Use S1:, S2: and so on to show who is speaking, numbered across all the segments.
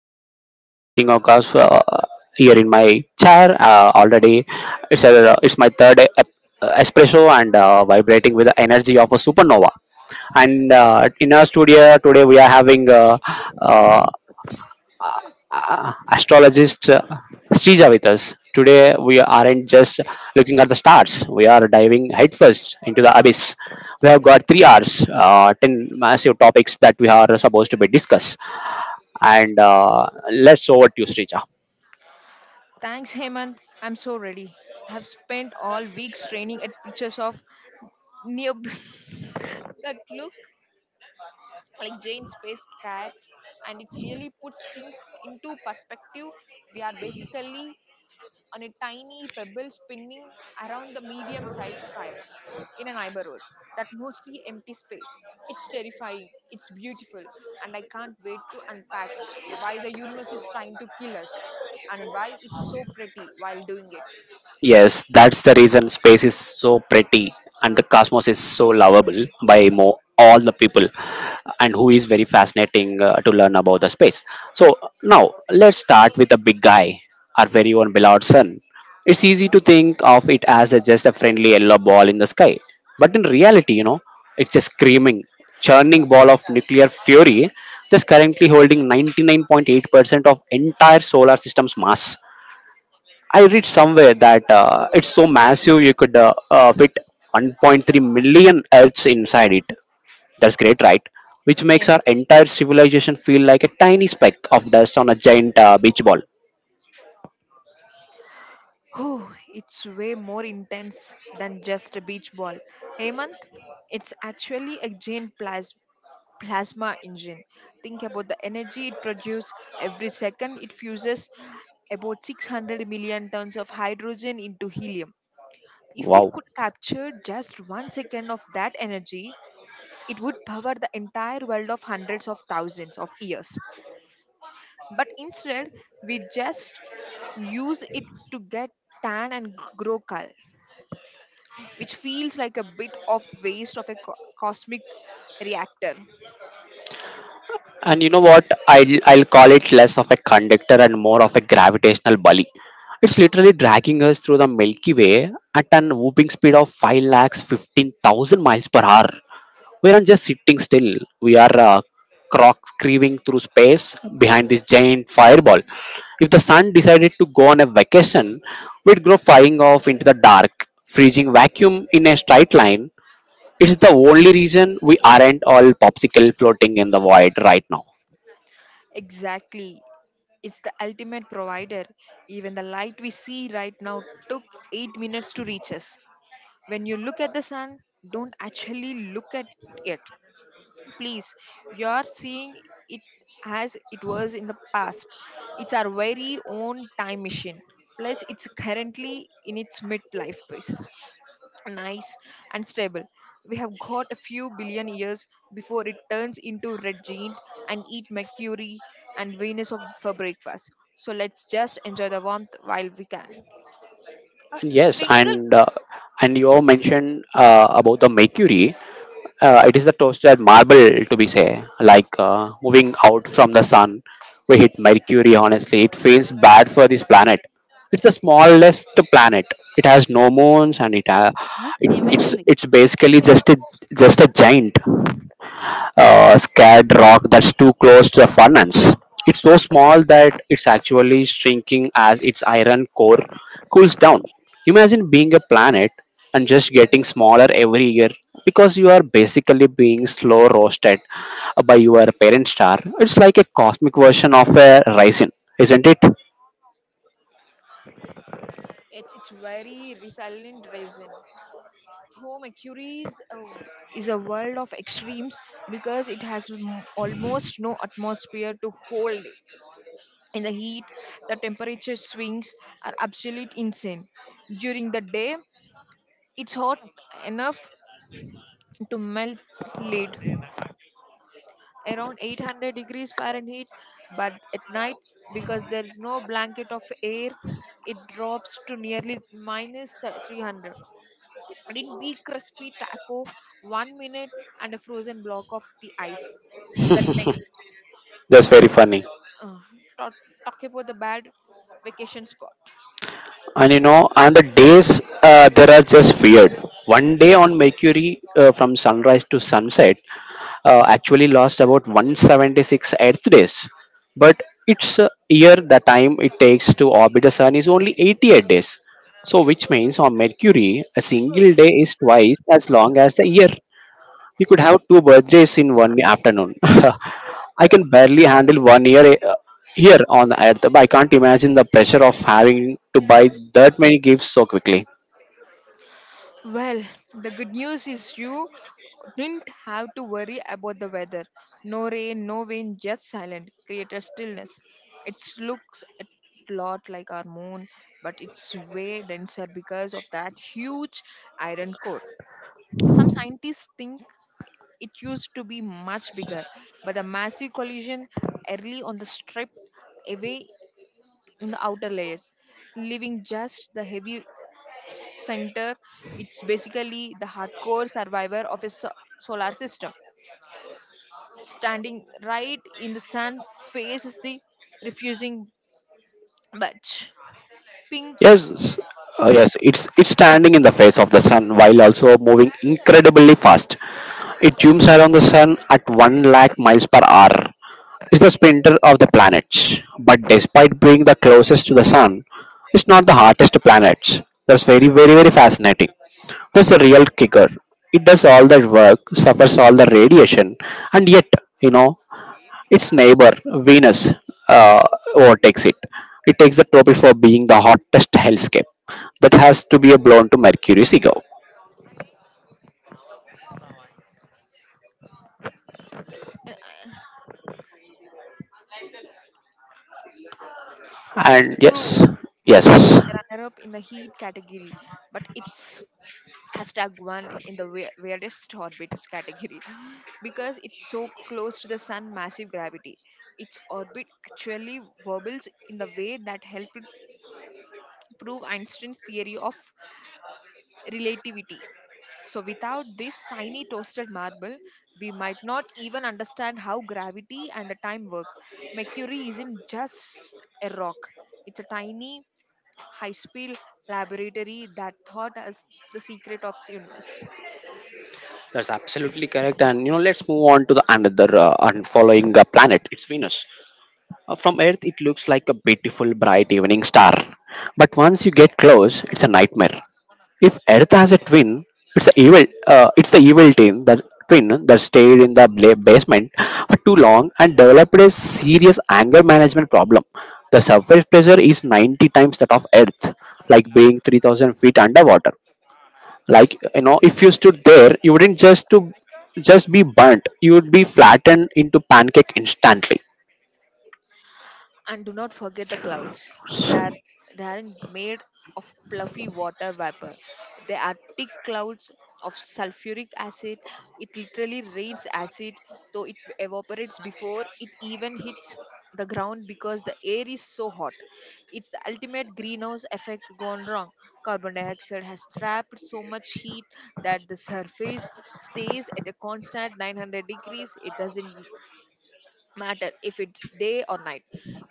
S1: I'm Hemant. I'm sitting across here in my chair already. It's my espresso and vibrating with the energy of a supernova. And in our studio today, we are having uh, astrologist Srija with us. Today, we aren't just looking at the stars, we are diving headfirst into the abyss. We have got 3 hours, 10 massive topics that we are supposed to be discussed. And let's over to you, Srija.
S2: Thanks, Hemant. I'm so ready. I've spent all week straining at pictures of near that look like giant space cats, and it's really puts things into perspective. We are basically on a tiny pebble spinning around the medium sized fire in a neighborhood that mostly empty space. It's terrifying, it's beautiful, and I can't wait to unpack why the universe is trying to kill us and why it's so pretty while doing it.
S1: Yes, that's the reason space is so pretty and the cosmos is so lovable by all the people and who is very fascinating to learn about the space. So now let's start with the big guy, our very own beloved sun. It's easy to think of it as just a friendly yellow ball in the sky, but in reality, you know, it's a screaming, churning ball of nuclear fury that's currently holding 99.8% of entire solar system's mass. I read somewhere that it's so massive you could fit 1.3 million Earths inside it. That's great, right? Which makes
S2: Yes.
S1: our entire civilization feel like a tiny speck of dust on a giant beach ball.
S2: Oh, it's way more intense than just a beach ball. Hemant, it's actually a giant plasma engine. Think about the energy it produces. Every second, it fuses about 600 million tons of hydrogen into helium. If we
S1: Wow.
S2: could capture just 1 second of that energy, it would power the entire world of hundreds of thousands of years. But instead, we just use it to get tan and grow cool, which feels like a bit of waste of a cosmic reactor.
S1: And you know what? I'll call it less of a conductor and more of a gravitational bully. It's literally dragging us through the Milky Way at an whooping speed of 5 lakh 15,000 miles per hour. We aren't just sitting still, we are croc screaming through space behind this giant fireball. If the sun decided to go on a vacation, we'd go flying off into the dark, freezing vacuum in a straight line. It's the only reason we aren't all popsicle floating in the void right now.
S2: Exactly. It's the ultimate provider. Even the light we see right now took 8 minutes to reach us. When you look at the sun, don't actually look at it. Please, you are seeing it as it was in the past. It's our very own time machine. Plus, it's currently in its midlife crisis, nice and stable. We have got a few billion years before it turns into red giant and eat mercury and venus for breakfast. So let's just enjoy the warmth while we can.
S1: And yes,
S2: sprinkle
S1: and you all mentioned about the mercury. It is the toasted marble, to be say, like moving out from the sun. We hit Mercury, honestly. It feels bad for this planet. It's the smallest planet. It has no moons, and it, uh, it it's
S2: ఏమైతుంది
S1: it's basically just a giant scared rock that's too close to the furnace. It's so small that it's actually shrinking as its iron core cools down. Imagine being a planet and just getting smaller every year because you are basically being slow roasted by your parent star. It's like a cosmic version of a raisin, isn't it?
S2: It's very resilient resin. Though Mercury's is a world of extremes because it has almost no atmosphere to hold in the heat, the temperature swings are absolute insane. During the day, it's hot enough to melt lead, around 800 degrees fahrenheit, but at night, because there is no blanket of air, it drops to nearly minus 300. It'd be crispy taco 1 minute and a frozen block of the ice the next.
S1: That's very funny.
S2: Uh, talk, talk about the bad vacation spot.
S1: And you know, and the days there are just weird. 1 day on Mercury from sunrise to sunset actually lost about 176 Earth days, but its year, the time it takes to orbit the Sun, is only 88 days. So, which means on Mercury, a single day is twice as long as a year. You could have two birthdays in one afternoon. I can barely handle 1 year here on Earth, but I can't imagine the pressure of having to buy that many gifts so quickly.
S2: Well, the good news is you didn't have to worry about the weather. No rain, no wind, just silent, created stillness. It looks a lot like our moon, but it's way denser because of that huge iron core. Some scientists think it used to be much bigger, but the massive collision early on the stripped away in the outer layers, leaving just the heavy center. It's basically the hardcore survivor of a solar system. Standing right in the sun faces the refusing batch. Pink,
S1: Yes, yes, it's standing in the face of the sun while also moving incredibly fast. It zooms around the sun at 1 lakh miles per hour. It's the sprinter of the planets. But despite being the closest to the sun, it's not the hottest planet. That's very, very, very fascinating. That's the real kicker. It does all that work, suffers all the radiation, and yet, you know, its neighbor, Venus, uh, overtakes it. It takes the trophy for being the hottest hellscape. That has to be a blown to Mercury's ego.
S2: it's
S1: And
S2: true.
S1: yes,
S2: Mercury is
S1: yes,
S2: the runner up in the heat category, but it's hashtag one in the weirdest orbits category because it's so close to the sun massive gravity, its orbit actually wobbles in the way that helped prove Einstein's theory of relativity. So without this tiny toasted marble, we might not even understand how gravity and the time work. Mercury isn't just a rock, it's a tiny high-speed laboratory that taught us the secret of the universe.
S1: that's absolutely correct. And you know, let's move on to the another and following planet. It's Venus. From Earth, it looks like a beautiful, bright evening star. But once you get close, it's a nightmare. If Earth has a twin, it's a evil. It's the evil twin that stayed in the basement for too long and developed a serious anger management problem. The surface pressure is 90 times that of Earth, like being 3,000 feet underwater. Like, you know, if you stood there, you wouldn't just be burnt, you would be flattened into pancake instantly.
S2: And do not forget the clouds. They're, they aren't made of fluffy water vapor. They are thick clouds of sulfuric acid. It literally rains acid, though it evaporates before it even hits the ground because the air is so hot. It's the ultimate greenhouse effect gone wrong. Carbon dioxide has trapped so much heat that the surface stays at a constant 900 degrees. It doesn't matter if it's day or night.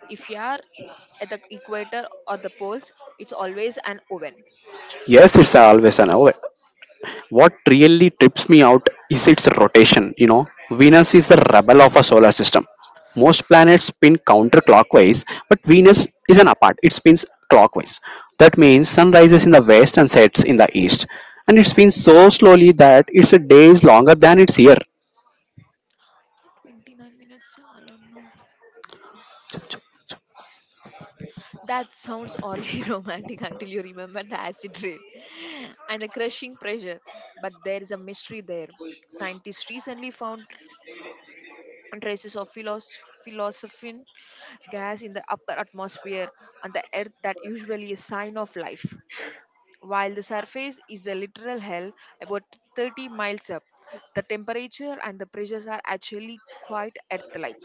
S2: If you are at the equator or the poles, it's always an oven.
S1: Yes, it's always an hour. What really trips me out is its rotation. You know, Venus is the rebel of our solar system. Most planets spin counterclockwise, but Venus is an apart. It spins clockwise. That means sun rises in the west and sets in the east. And it spins so slowly that it's a days longer than its year.
S2: 29 minutes, I don't know. That sounds oddly romantic until you remember the acid rain and the crushing pressure. But there is a mystery there. Scientists recently found traces of philosophin gas in the upper atmosphere on the earth that usually is sign of life. While the surface is the literal hell, about 30 miles up, the temperature and the pressures are actually quite earth like.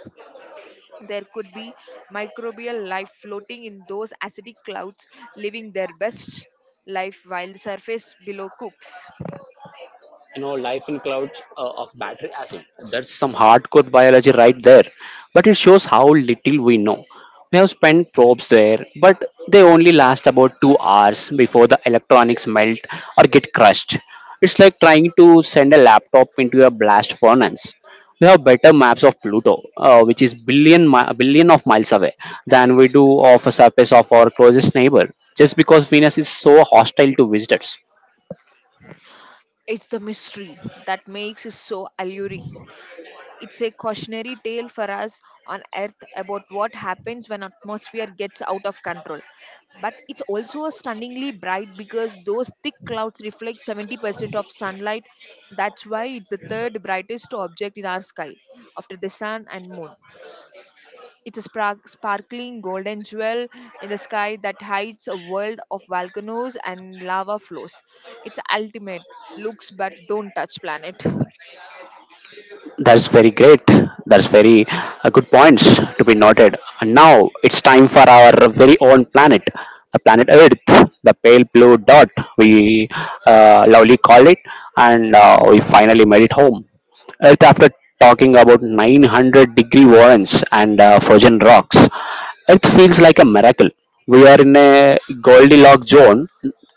S2: There could be microbial life floating in those acidic clouds, living their best life while the surface below cooks.
S1: You know, life in clouds of battery acid, that's some hardcore biology right there. But it shows how little we know. We have spent probes there but they only last about 2 hours before the electronics melt or get crushed. It's like trying to send a laptop into a blast furnace. We have better maps of Pluto, uh, which is billion of miles away than we do of a surface of our closest neighbor, just because Venus is so hostile to visitors.
S2: It's the mystery that makes it so alluring. It's a cautionary tale for us on Earth about what happens when atmosphere gets out of control. But it's also stunningly bright because those thick clouds reflect 70% of sunlight. That's why it's the third brightest object in our sky after the sun and moon. It's a sparkling golden jewel in the sky that hides a world of volcanoes and lava flows. It's ultimate looks but don't touch planet.
S1: That's very great. That's very good points to be noted. And now it's time for our very own planet, the planet Earth, the pale blue dot we lovely call it, and we finally made it home. Right after talking about 900-degree warrants and frozen rocks, Earth feels like a miracle. We are in a Goldilocks zone,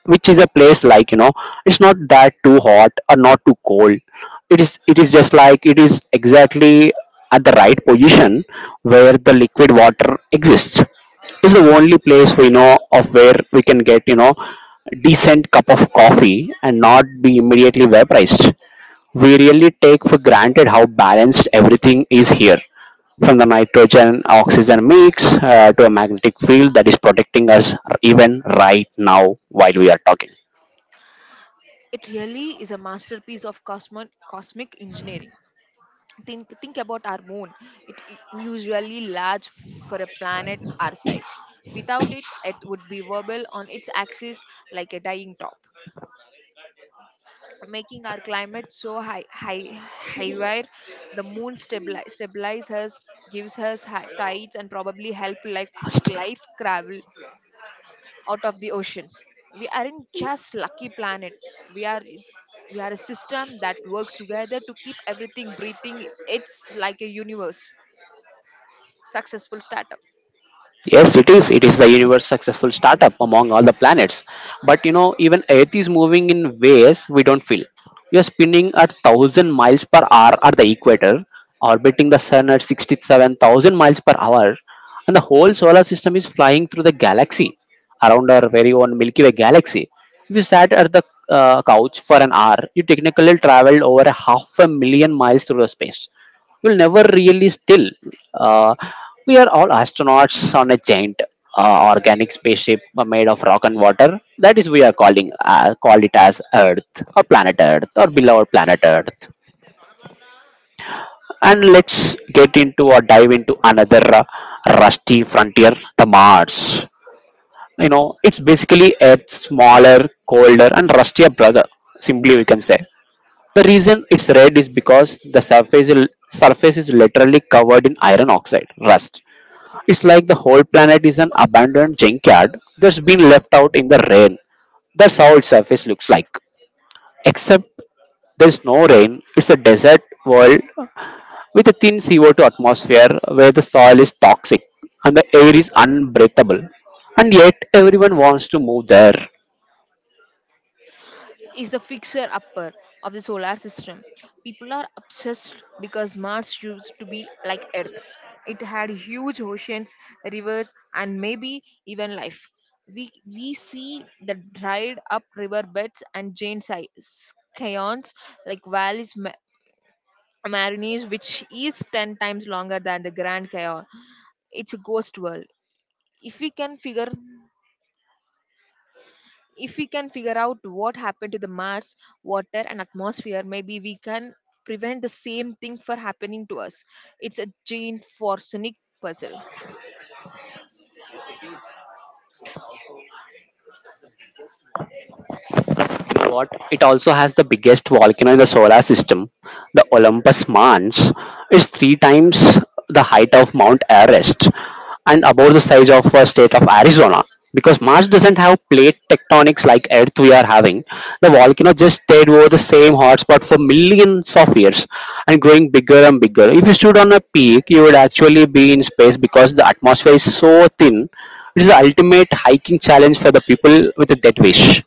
S1: which is a place, like, you know, it's not that too hot or not too cold. It is just like it is exactly at the right position where the liquid water exists. It's the only place we know of where we can get, you know, decent cup of coffee and not be immediately vaporized. We really take for granted how balanced everything is here, from the nitrogen oxygen mix to a magnetic field that is protecting us even right now while we are talking.
S2: It really is a masterpiece of cosmic engineering. Think about our moon. It usually large for a planet our size. Without it, it would be wobble on its axis like a dying top, making our climate so high wire. The moon stabilizes us, gives us high tides and probably help like life travel out of the oceans. We aren't just lucky planet. We are it's, we are a system that works together to keep everything breathing. It's like a universe. Successful startup
S1: Yes, it is. It is the universe successful startup among all the planets. But you know, even Earth is moving in ways we don't feel. You're spinning at 1,000 miles per hour at the equator, orbiting the sun at 67,000 miles per hour, and the whole solar system is flying through the galaxy around our very own Milky Way galaxy. If you sat at the couch for an hour, you technically traveled over a half a million miles through the space. You will never really still. uh, we are all astronauts on a giant organic spaceship made of rock and water that is we are calling called it as earth or planet earth or below our planet Earth. And let's get into or dive into another rusty frontier, the Mars. You know, it's basically a smaller, colder and rustier brother, simply we can say. The reason it's red is because surface is literally covered in iron oxide, rust. It's like the whole planet is an abandoned junkyard that's been left out in the rain. That's how its surface looks like. Except there's no rain, it's a desert world with a thin CO2 atmosphere where the soil is toxic and the air is unbreathable. And yet, everyone wants to move there.
S2: is the fixer upper of the solar system. People are obsessed because Mars used to be like Earth. It had huge oceans, rivers, and maybe even life. We see the dried up river beds and giant scions like valleys Marines, which is 10 times longer than the Grand Canyon. It's a ghost world. If we can figure if we can figure out what happened to the Mars, water and atmosphere, maybe we can prevent the same thing for happening to us. It's a giant forensic puzzle.
S1: Know what? It also has the biggest volcano in the solar system, the Olympus Mons. It's 3 times the height of Mount Everest and about the size of a state of Arizona. Because Mars doesn't have plate tectonics like Earth we are having, the volcano just stayed over the same hotspot for millions of years and growing bigger and bigger. If you stood on a peak, you would actually be in space because the atmosphere is so thin. It is the ultimate hiking challenge for the people with a dead wish.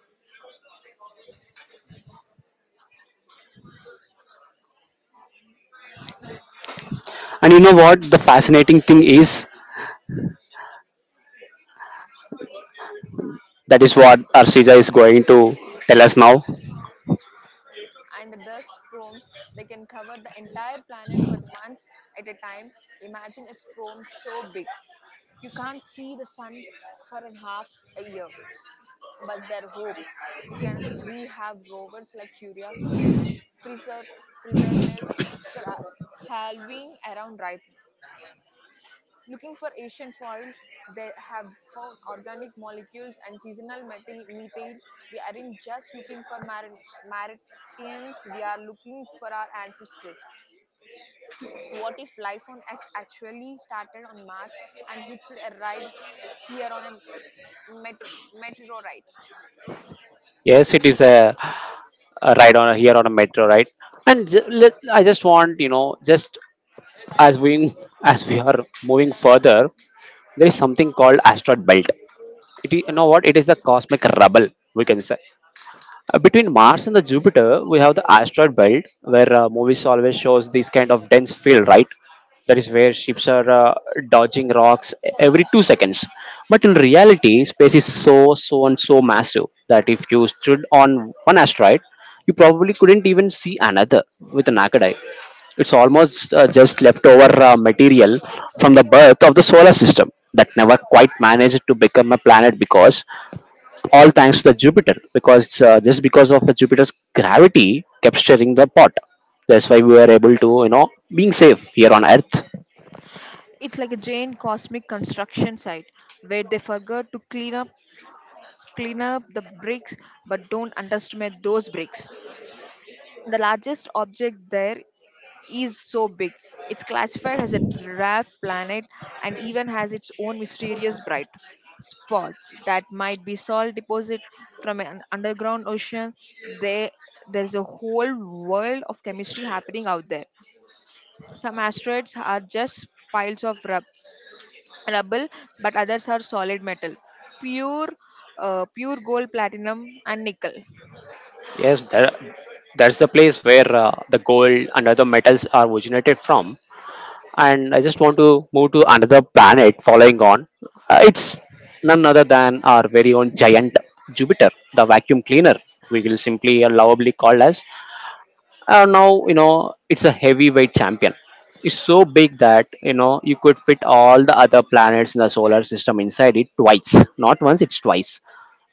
S1: And you know what? The fascinating thing is that is what Arshija is going to tell us now.
S2: And the dust storms, they can cover the entire planet for months at a time. Imagine a storm so big you can't see the sun for a half a year. But their hope, we can we have rovers like curiosity and preserve preserveness cra- halving around right now looking for ancient foils. They have found organic molecules and seasonal methane. We aren't just looking for martians, we are looking for our ancestors. What if life on Earth actually started on mars and hitched a ride here on a meteor meteorite?
S1: Yes, it is a ride on here on a metro, right? And let, I just want you know, just as we as we are moving further, there is something called asteroid belt. It is, you know what? It is the cosmic rubble we can say. Between Mars and the Jupiter, we have the asteroid belt where movies always shows this kind of dense field, right? That is where ships are dodging rocks every 2 seconds. But in reality, space is so, so, and so massive that if you stood on one asteroid, you probably couldn't even see another with a naked eye. It's almost just leftover material from the birth of the solar system that never quite managed to become a planet, because all thanks to the Jupiter, because just because of the Jupiter's gravity kept stirring the pot. That's why we were able to, you know, being safe here on Earth.
S2: It's like a giant cosmic construction site where they forgot to clean up the bricks. But don't underestimate those bricks. The largest object there is so big, it's classified as a dwarf planet and even has its own mysterious bright spots that might be salt deposit from an underground ocean. They there's a whole world of chemistry happening out there. Some asteroids are just piles of rubble, but others are solid metal pure, pure gold platinum and nickel
S1: Yes, that's the place where the gold and other metals are originated from. And I just want
S2: 86.
S1: to move to another planet following on. It's none other than our very own giant Jupiter, the vacuum cleaner. We will simply lovably call as now you know it's a heavyweight champion. It's so big that you could fit all the other planets in the solar system inside it twice, not once, it's twice.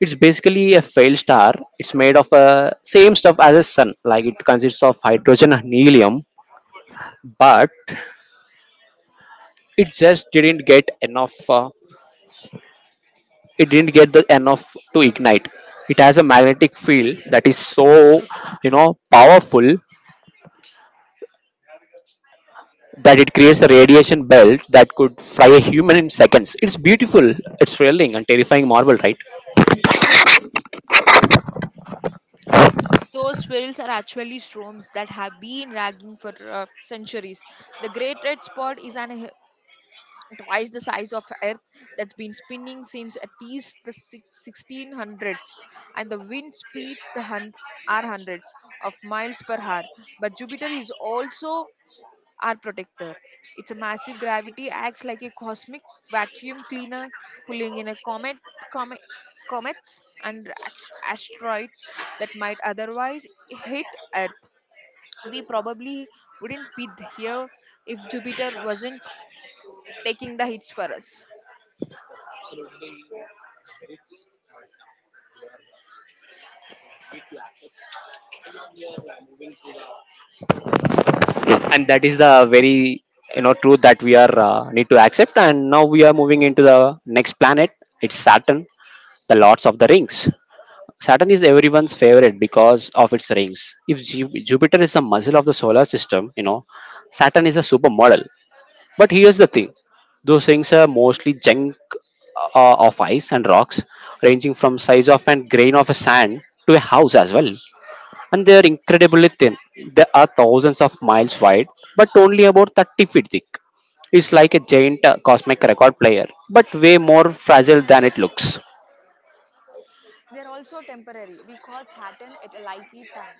S1: It's basically a failed star. It's made of a same stuff as a sun, like it consists of hydrogen and helium, but it just didn't get enough it didn't get the enough to ignite. It has a magnetic field that is so powerful that it creates a radiation belt that could fry a human in seconds. It's beautiful, it's thrilling and terrifying marvel, right?
S2: Those fields are actually storms that have been raging for centuries. The great red spot is twice the size of earth that's been spinning since at least the 1600s. And the wind speeds, are hundreds of miles per hour. But jupiter is also our protector. Its a massive gravity acts like a cosmic vacuum cleaner, pulling in a comet comets and asteroids that might otherwise hit Earth. We probably wouldn't be here if Jupiter wasn't taking the hits for us.
S1: And that is the very truth that we are need to accept. And now we are moving into the next planet. It's Saturn, the Lords of the Rings. Saturn is everyone's favorite because of its rings. If Jupiter is the muscle of the solar system, you know, Saturn is a supermodel. But here's the thing, those things are mostly junk of ice and rocks, ranging from size of a grain of a sand to a house as well. And they are incredibly thin. They are thousands of miles wide, but only about 30 feet thick. It's like a giant cosmic record player, but way more fragile than it looks.
S2: They're also temporary. We caught Saturn at a likely time.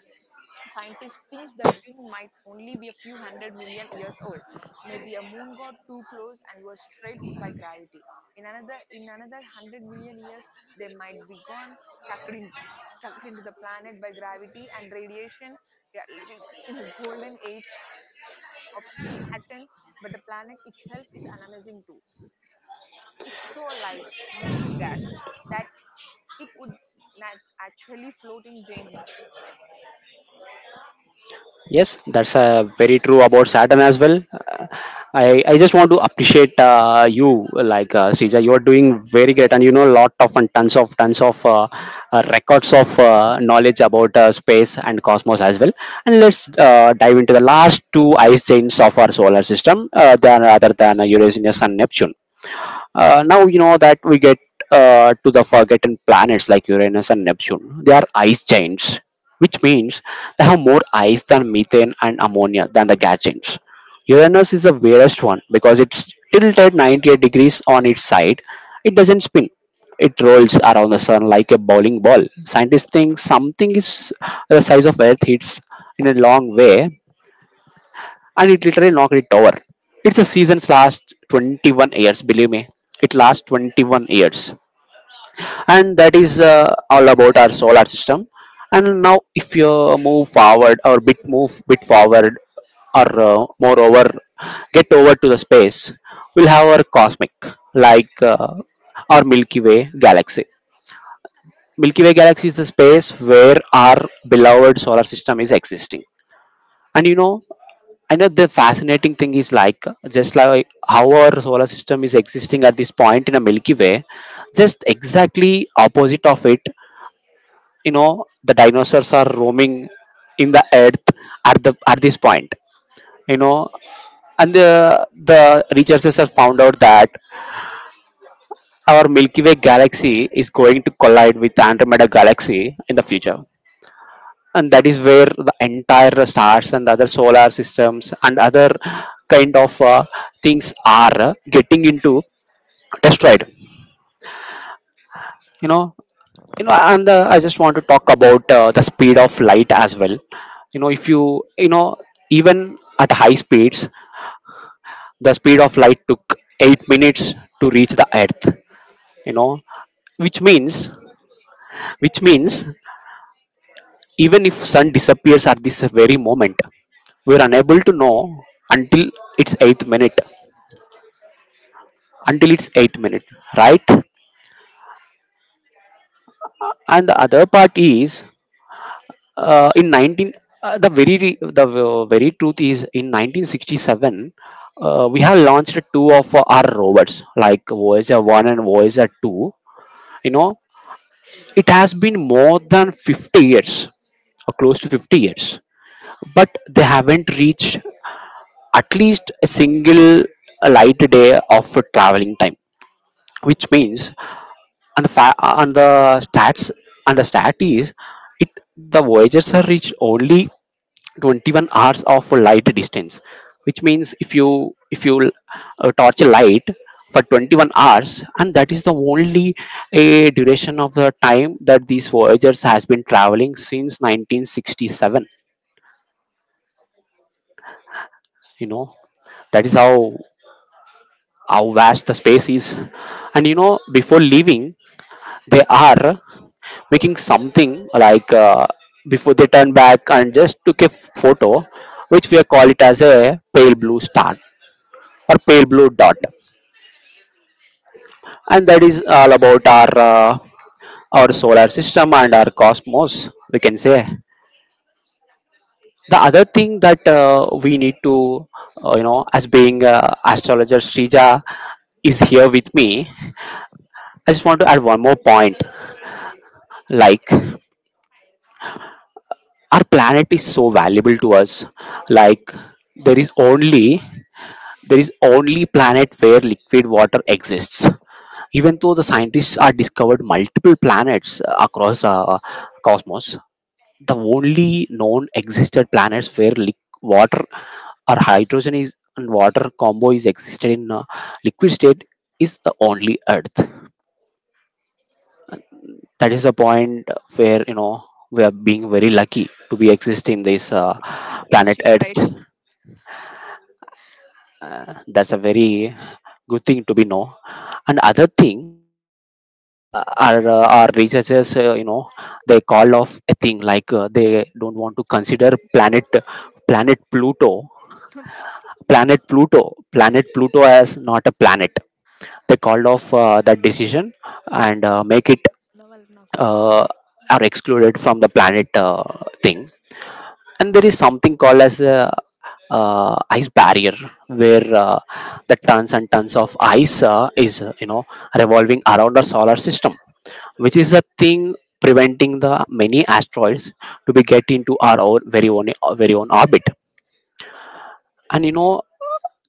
S2: Scientists think the ring might only be a few 100 million years old. Maybe a moon got too close and was strayed by gravity. In another 100 million years, they might be gone, sucked in, sucked into the planet by gravity and radiation. We are living in the golden age of Saturn, but the planet itself is an amazing too. It's so light, mostly gas, that it would actually float in drain bath.
S1: Yes, that's very true about Saturn as well. I just want to appreciate you, like Sija. You are doing very great, and you know lot of and tons of tons of records of knowledge about space and cosmos as well. And let's dive into the last two ice giants of our solar system, than rather than Uranus and Neptune. Now you know that we get to the forgotten planets like Uranus and Neptune. They are ice giants, which means they have more ice than methane and ammonia than the gas giants. Uranus is the weirdest one because it's tilted 98 degrees on its side. It doesn't spin. It rolls around the sun like a bowling ball. Scientists think something is the size of Earth, hits in a long way, and it literally knocked it over. It's a season's last 21 years, believe me. It lasts 21 years, and that is all about our solar system. And now, if you move bit forward, or moreover, get over to the space, we'll have our cosmic, like uh, our Milky Way galaxy. Milky Way galaxy is the space where our beloved solar system is existing. And you know, I know the fascinating thing is, like, just like how our solar system is existing at this point in a Milky Way, just exactly opposite of it. You know, the dinosaurs are roaming in the earth at the at this point. You know, and the researchers have found out that our Milky Way galaxy is going to collide with Andromeda galaxy in the future. And that is where the entire stars and other solar systems and other kind of things are getting into destroyed, you know you know, and I just want to talk about the speed of light as well. You know if you you know even at high speeds, the speed of light took 8 minutes to reach the earth, you know, which means even if sun disappears at this very moment, we are unable to know until its eighth minute, right? And the other part is, in 19 the very re- the very truth is in 1967, we have launched two of our rovers, like voyager 1 and voyager 2, you know. It has been more than 50 years, or close to 50 years, but they haven't reached at least a single light day of traveling time, which means, and the, fa- and the stats and the stat is, it the voyagers are reached only 21 hours of light distance, which means if you torch a light for 21 hours, and that is the only a duration of the time that these voyagers has been traveling since 1967. You know, that is how vast the space is. And you know, before leaving, they are making something like before they turn back and just took a photo, which we call it as a pale blue star or pale blue dot. And that is all about our solar system and our cosmos, we can say. The other thing that we need to you know, as being astrologer Srija is here with me, I just want to add one more point. Like, our planet is so valuable to us. Like, there is only, there is only planet where liquid water exists. Even though the scientists are discovered multiple planets across cosmos, the only known existed planets where liquid water or hydrogen is and water combo is existed in liquid state is the only earth. That is the point where, you know, we are being very lucky to be exist in this
S2: Yes, you
S1: planet
S2: are right.
S1: earth. That's a very good thing to be know. And other thing, our researchers, you know, they call off a thing, like they don't want to consider planet Pluto, planet Pluto, planet Pluto as not a planet. They called off that decision and make it uh, are excluded from the planet thing. And there is something called as a ice barrier, where the tons and tons of ice is, you know, revolving around our solar system, which is the thing preventing the many asteroids to be get into our own very own orbit. And you know,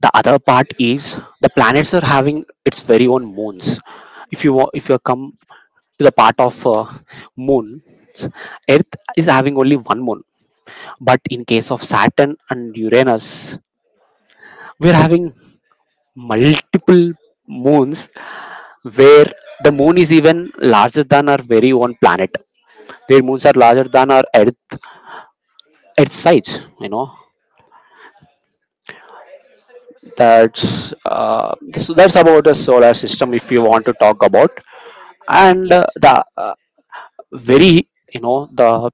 S1: the other part is, the planets are having its very own moons. If you come to the part of moon, earth is having only one moon. But in case of Saturn and Uranus, we're having multiple moons, where the moon is even larger than our very own planet. Their
S2: Good.
S1: moons are larger than our earth, its size, you know. That's uh,
S2: That's
S1: so
S2: all
S1: that's about
S2: about
S1: the solar system, if
S2: Mr.
S1: you want
S2: Mr.
S1: to talk
S2: Anto.
S1: about. And
S2: Yes.
S1: the very, you know, the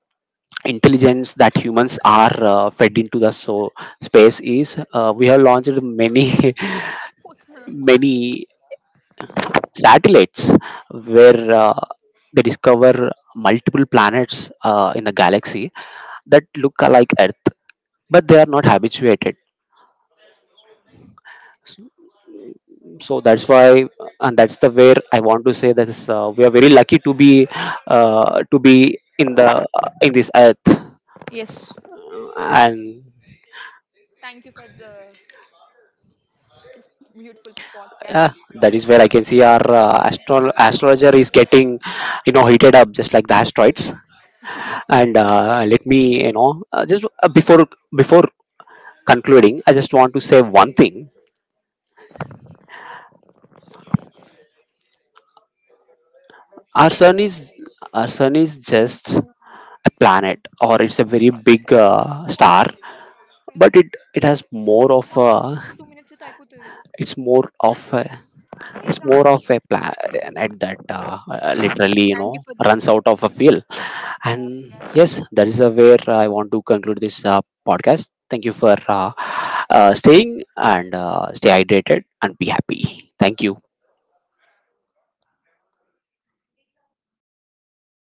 S1: intelligence that humans are fed into the space is, we have launched many
S2: Both.
S1: many satellites, where they discover multiple planets in the galaxy that look like earth, but they are not habituated. So that's why, and that's the where I want to say that is, we are very lucky to be in the in this earth.
S2: Yes.
S1: And
S2: Thank you for the this beautiful podcast.
S1: yeah, that is where I can see our astrologer is getting, you know, heated up just like the asteroids. And let me, you know, just before before concluding, I just want to say one thing. our sun is our sun is just a planet, or it's a very big star. But it has more of a, it's more of a, it's more of a planet that literally, you
S2: Thank you
S1: know,
S2: for this
S1: runs out of a fuel.
S2: beautiful
S1: And
S2: podcast.
S1: yes, that is where I want to conclude this podcast. Thank you for staying, and stay hydrated and be happy. Thank you.